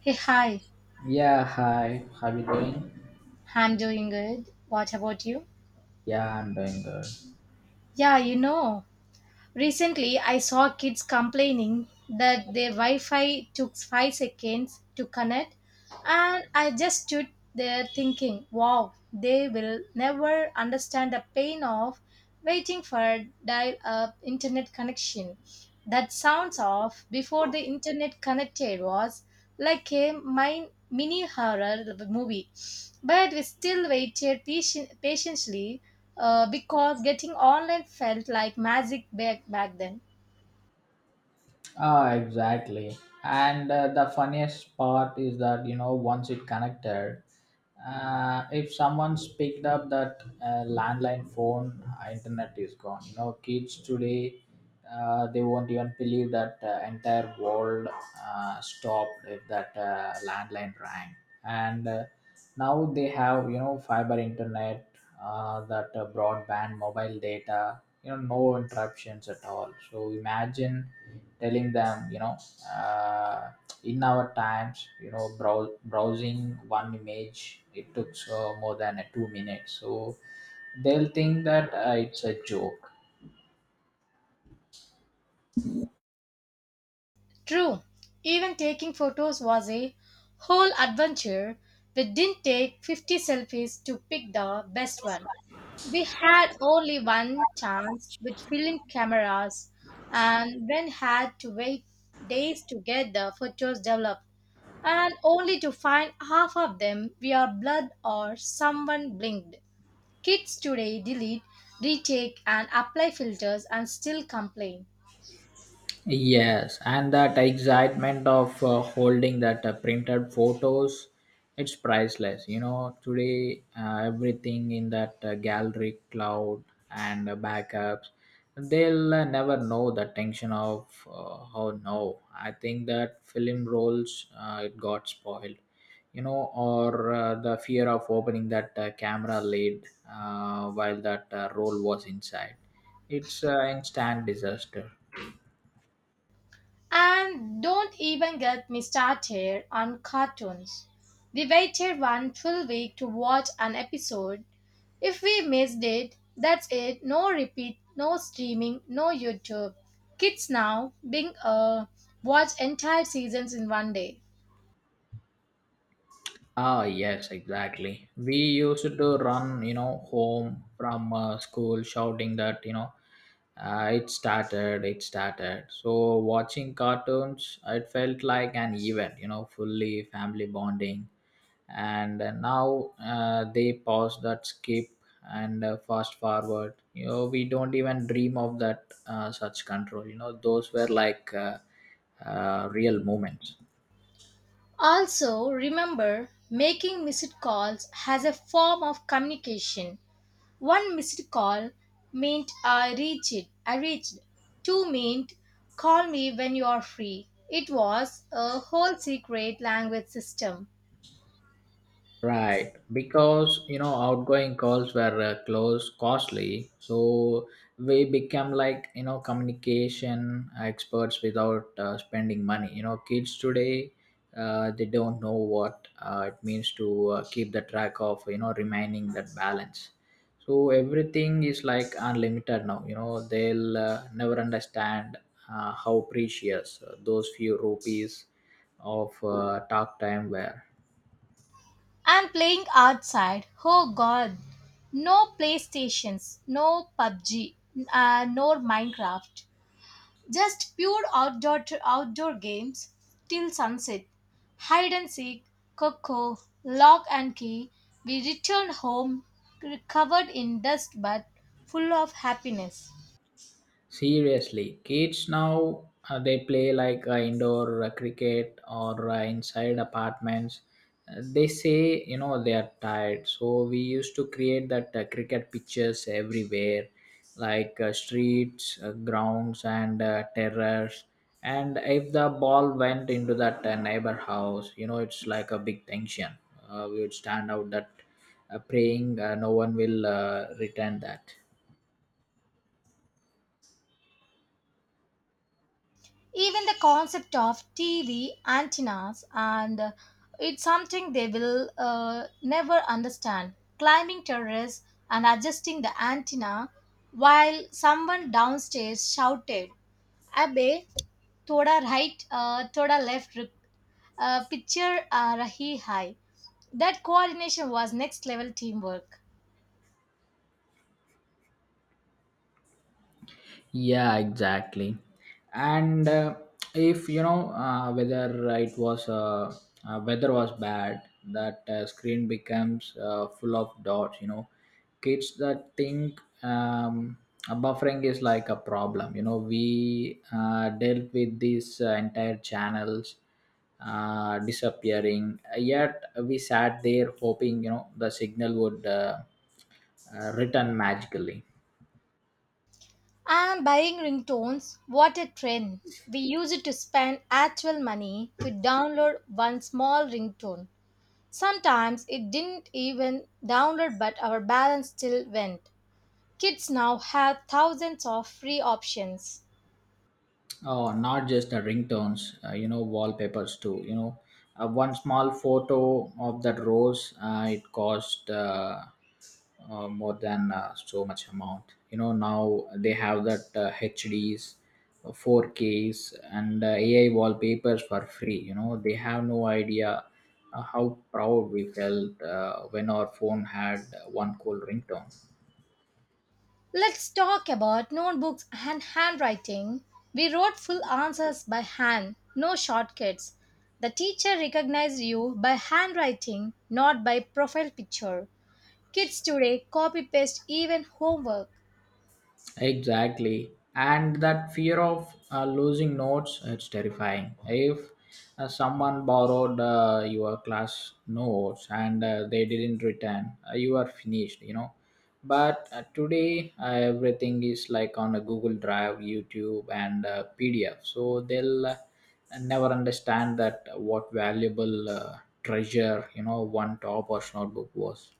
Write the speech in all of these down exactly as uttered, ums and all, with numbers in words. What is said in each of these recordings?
Hey, hi. Yeah, hi. How you doing? I'm doing good. What about you? Yeah, I'm doing good. Yeah, you know, recently I saw kids complaining that their Wi Fi took five seconds to connect. And I just stood there thinking, wow, they will never understand the pain of waiting for dial up internet connection. That sounds off before the internet connected was like a min- mini horror movie. But we still waited patient- patiently uh, because getting online felt like magic back, back then. Ah, exactly. And uh, the funniest part is that you know once it connected, uh, if someone's picked up that uh, landline phone, uh, internet is gone. You know, kids today, uh, they won't even believe that uh, entire world uh, stopped if that uh, landline rang. And uh, now they have you know fiber internet uh, that uh, broadband mobile data, you know, no interruptions at all. So imagine telling them, you know, uh, in our times, you know, brow- browsing one image it took uh, more than a two minutes, so they'll think that uh, it's a joke. True, even taking photos was a whole adventure. We didn't take fifty selfies to pick the best one. We had only one chance with film cameras and then had to wait days to get the photos developed and only to find half of them were blood or someone blinked. Kids today delete, retake and apply filters and still complain. Yes, and that excitement of uh, holding that uh, printed photos, it's priceless. You know, today uh, everything in that uh, gallery cloud and uh, backups, they'll uh, never know the tension of uh, oh no, I think that film rolls uh, it got spoiled. You know, or uh, the fear of opening that uh, camera lid uh, while that uh, roll was inside. It's an instant disaster. And don't even get me started on cartoons. We waited one full week to watch an episode. If we missed it, that's it. No repeat, no streaming, no YouTube. Kids now being uh, watch entire seasons in one day. Ah, yes, exactly. We used to run, you know, home from uh, school shouting that, you know, uh, it started, it started. So, watching cartoons, it felt like an event, you know, fully family bonding. And uh, now uh, they pause that skip and uh, fast forward. You know, we don't even dream of that uh, such control. You know, those were like uh, uh, real moments. Also, remember making missed calls as a form of communication. One missed call meant I reached. I reached. Two meant call me when you are free. It was a whole secret language system. Right, because, you know, outgoing calls were uh, close costly, so we became like, you know, communication experts without uh, spending money. You know, kids today uh, they don't know what uh, it means to uh, keep the track of, you know, remaining that balance. So everything is like unlimited now. You know, they'll uh, never understand uh, how precious uh, those few rupees of uh, talk time were. I'm playing outside. Oh God. No PlayStations, no P U B G, uh, nor Minecraft. Just pure outdoor outdoor games till sunset. Hide and seek, coco, lock and key. We returned home covered in dust but full of happiness. Seriously, kids now uh, they play like uh, indoor uh, cricket or uh, inside apartments. Uh, they say, you know, they are tired, so we used to create that uh, cricket pitches everywhere, like uh, streets, uh, grounds, and uh, terrace. And if the ball went into that uh, neighbor house, you know, it's like a big tension. Uh, we would stand out that uh, praying uh, no one will uh, return that. Even the concept of T V antennas and, uh, it's something they will uh, never understand. Climbing terrace and adjusting the antenna while someone downstairs shouted, Abe, thoda right, uh, thoda left, rip- uh, picture uh, rahi hai. That coordination was next level teamwork. Yeah, exactly. And uh, if, you know, uh, whether it was uh, uh, weather was bad, that uh, screen becomes uh, full of dots. You know, kids that think um, a buffering is like a problem. You know, we uh, dealt with these uh, entire channels uh, disappearing. Yet we sat there hoping, you know, the signal would uh, uh, return magically. I'm buying ringtones. What a trend. We used to spend actual money to download one small ringtone. Sometimes it didn't even download, but our balance still went. Kids now have thousands of free options. Oh, not just the ringtones, uh, you know, wallpapers too. You know, uh, one small photo of that rose, uh, it cost uh, uh, more than uh, so much amount. You know, now they have that uh, H Ds, uh, four Ks, and uh, A I wallpapers for free. You know, they have no idea uh, how proud we felt uh, when our phone had uh, one cool ringtone. Let's talk about notebooks and handwriting. We wrote full answers by hand, no shortcuts. The teacher recognized you by handwriting, not by profile picture. Kids today copy paste even homework. Exactly. And that fear of uh, losing notes, it's terrifying. If uh, someone borrowed uh, your class notes and uh, they didn't return, uh, you are finished, you know. But uh, today, uh, everything is like on a Google Drive, YouTube, and uh, P D F. So they'll uh, never understand that what valuable uh, treasure, you know, one topper's notebook was.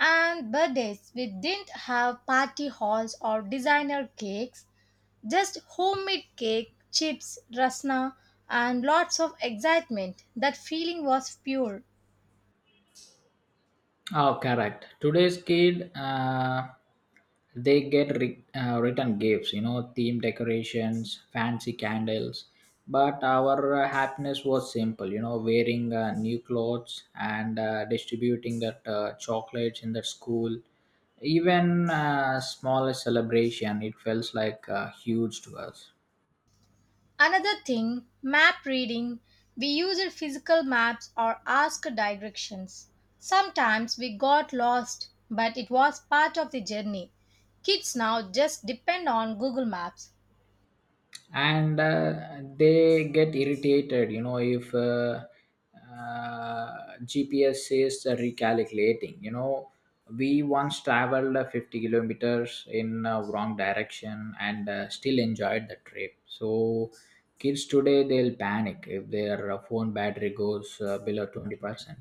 And birthdays, we didn't have party halls or designer cakes, just homemade cake, chips, rasna, and lots of excitement. That feeling was pure. Oh, correct. Today's kid, uh, they get re- uh, written gifts, you know, theme decorations, fancy candles. But our uh, happiness was simple, you know, wearing uh, new clothes and uh, distributing that uh, chocolates in the school. Even uh, smallest celebration, it felt like uh, huge to us. Another thing, map reading. We used physical maps or asked directions. Sometimes we got lost, but it was part of the journey. Kids now just depend on Google Maps. And uh, they get irritated, you know, if uh, uh, gps says uh, recalculating. You know, we once traveled uh, fifty kilometers in uh, wrong direction and uh, still enjoyed the trip. So kids today they'll panic if their uh, phone battery goes uh, below twenty percent.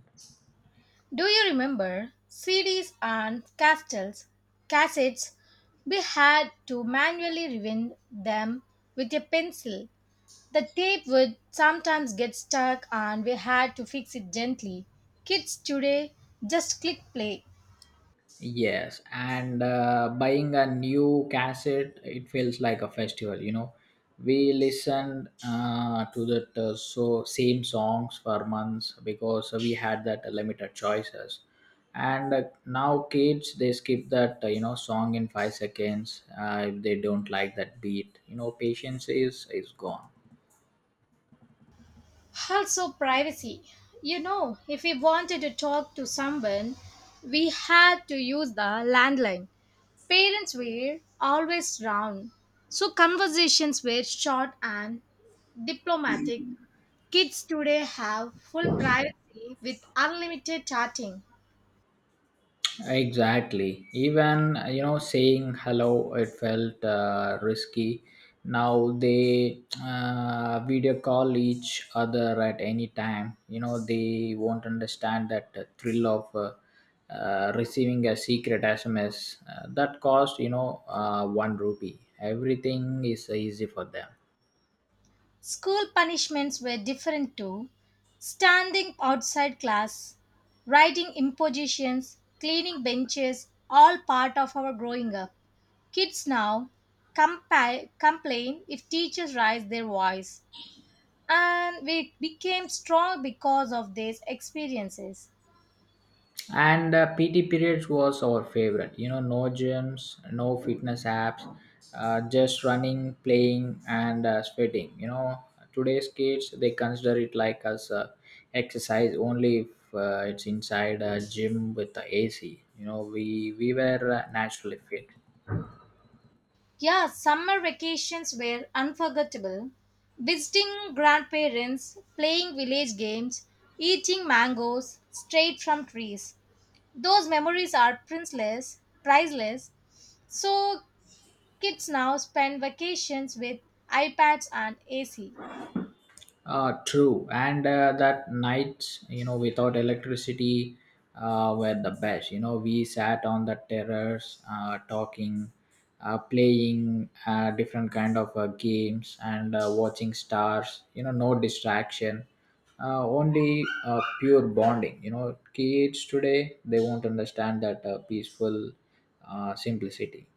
Do you remember C Ds and castles, cassettes? We had to manually rewind them with a pencil. The tape would sometimes get stuck and we had to fix it gently. Kids today just click play. Yes, and uh, buying a new cassette, it feels like a festival. You know, we listened uh, to that uh, so same songs for months because we had that limited choices. And uh, now kids, they skip that uh, you know song in five seconds uh, if they don't like that beat. You know, patience is is gone. Also, privacy. You know, if we wanted to talk to someone, we had to use the landline. Parents were always round, so conversations were short and diplomatic. Kids today have full privacy with unlimited chatting. Exactly. Even, you know, saying hello, it felt uh, risky. Now they uh, video call each other at any time. You know, they won't understand that uh, thrill of uh, uh, receiving a secret S M S uh, that cost, you know, uh, one rupee. Everything is easy for them. School punishments were different too. Standing outside class, writing impositions, cleaning benches, all part of our growing up. Kids now compa- complain if teachers raise their voice, and we became strong because of these experiences. And uh, pt periods was our favorite. You know, no gyms, no fitness apps, uh, just running, playing and uh, sweating. You know, today's kids they consider it like as uh, exercise only if uh, it's inside a gym with the ac. You know, we we were uh, naturally fit. Yeah, summer vacations were unforgettable. Visiting grandparents, playing village games, eating mangoes straight from trees. Those memories are priceless, priceless. So kids now spend vacations with iPads and A C. Uh, true, and uh, that nights, you know, without electricity, uh, were the best. You know, we sat on the terrace, uh, talking, uh, playing uh, different kind of uh, games, and uh, watching stars. You know, no distraction, uh, only uh, pure bonding. You know, kids today they won't understand that uh, peaceful uh, simplicity.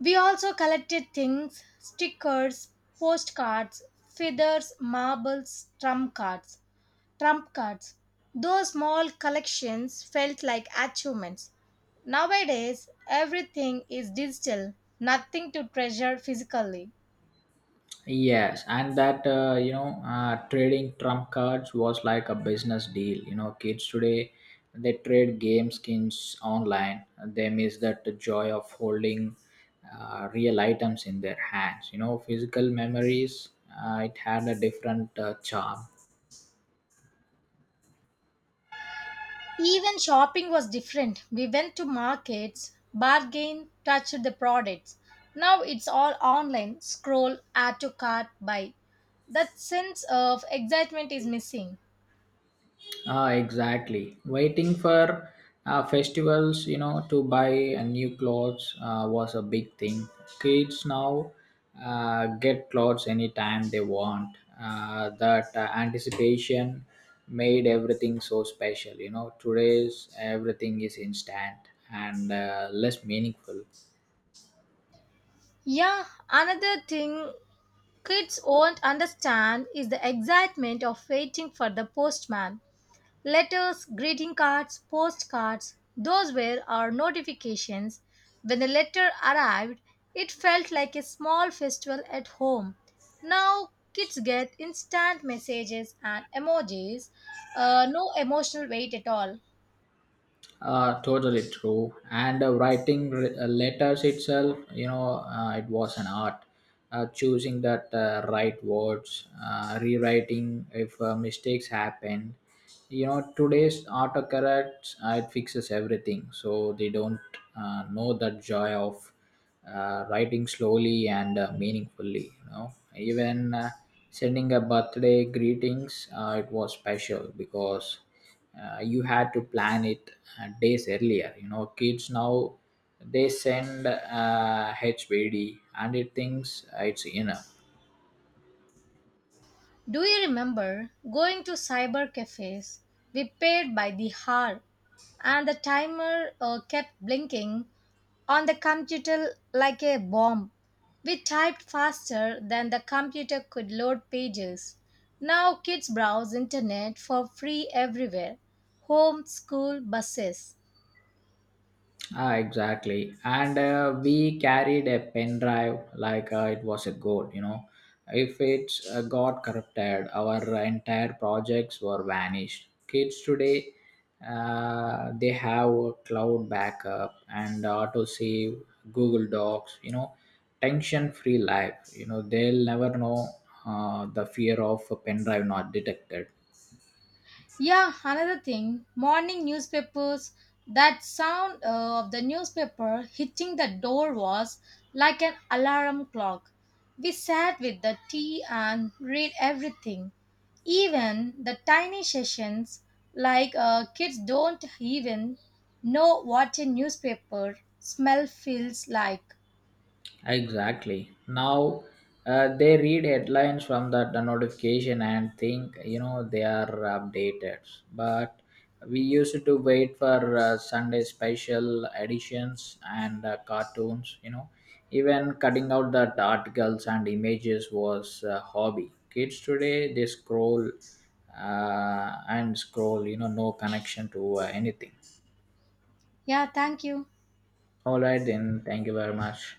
We also collected things, stickers, postcards, feathers, marbles, trump cards. trump cards. Those small collections felt like achievements. Nowadays, everything is digital, nothing to treasure physically. Yes, and that uh, you know, uh, trading trump cards was like a business deal. You know, kids today they trade game skins online. And they miss that the joy of holding uh, real items in their hands. You know, physical memories uh, it had a different uh, charm. Even shopping was different. We went to markets, bargain, touched the products. Now it's all online scroll, add to cart, buy. That sense of excitement is missing. Ah, exactly. Waiting for uh, festivals, you know, to buy a new clothes uh, was a big thing. Kids now uh, get clothes anytime they want. Uh, that uh, anticipation made everything so special. You know, today's everything is instant and uh, less meaningful. Yeah, another thing kids won't understand is the excitement of waiting for the postman. Letters, greeting cards, postcards, those were our notifications. When the letter arrived, it felt like a small festival at home. Now kids get instant messages and emojis, uh, no emotional weight at all. Uh, totally true. And uh, writing re- uh, letters itself, you know, uh, it was an art. Uh, choosing that uh, right words, uh, rewriting if uh, mistakes happen. You know, today's autocorrect uh, it fixes everything, so they don't uh, know that joy of uh, writing slowly and uh, meaningfully. You know, even uh, sending a birthday greetings, uh, it was special because uh, you had to plan it uh, days earlier. You know, kids now they send uh, hbd and it thinks uh, it's enough. Do you remember going to cyber cafes? We paid by the hour, and the timer uh, kept blinking on the computer like a bomb. We typed faster than the computer could load pages. Now kids browse internet for free everywhere. Home, school, buses. Ah, exactly. And uh, we carried a pen drive like uh, it was a gold, you know. If it uh, got corrupted, our entire projects were vanished. Kids today, uh, they have a cloud backup and auto save, Google Docs, you know, tension free life. You know, they'll never know uh, the fear of a pen drive not detected. Yeah, another thing, morning newspapers, that sound uh, of the newspaper hitting the door was like an alarm clock. We sat with the tea and read everything, even the tiny sessions, like uh, kids don't even know what a newspaper smell feels like. Exactly. Now uh, they read headlines from that the notification and think, you know, they are updated. But we used to wait for uh, Sunday special editions and uh, cartoons. You know, even cutting out that articles and images was a hobby. Kids today they scroll uh, and scroll. You know, no connection to uh, anything. Yeah, thank you. All right, then. Thank you very much.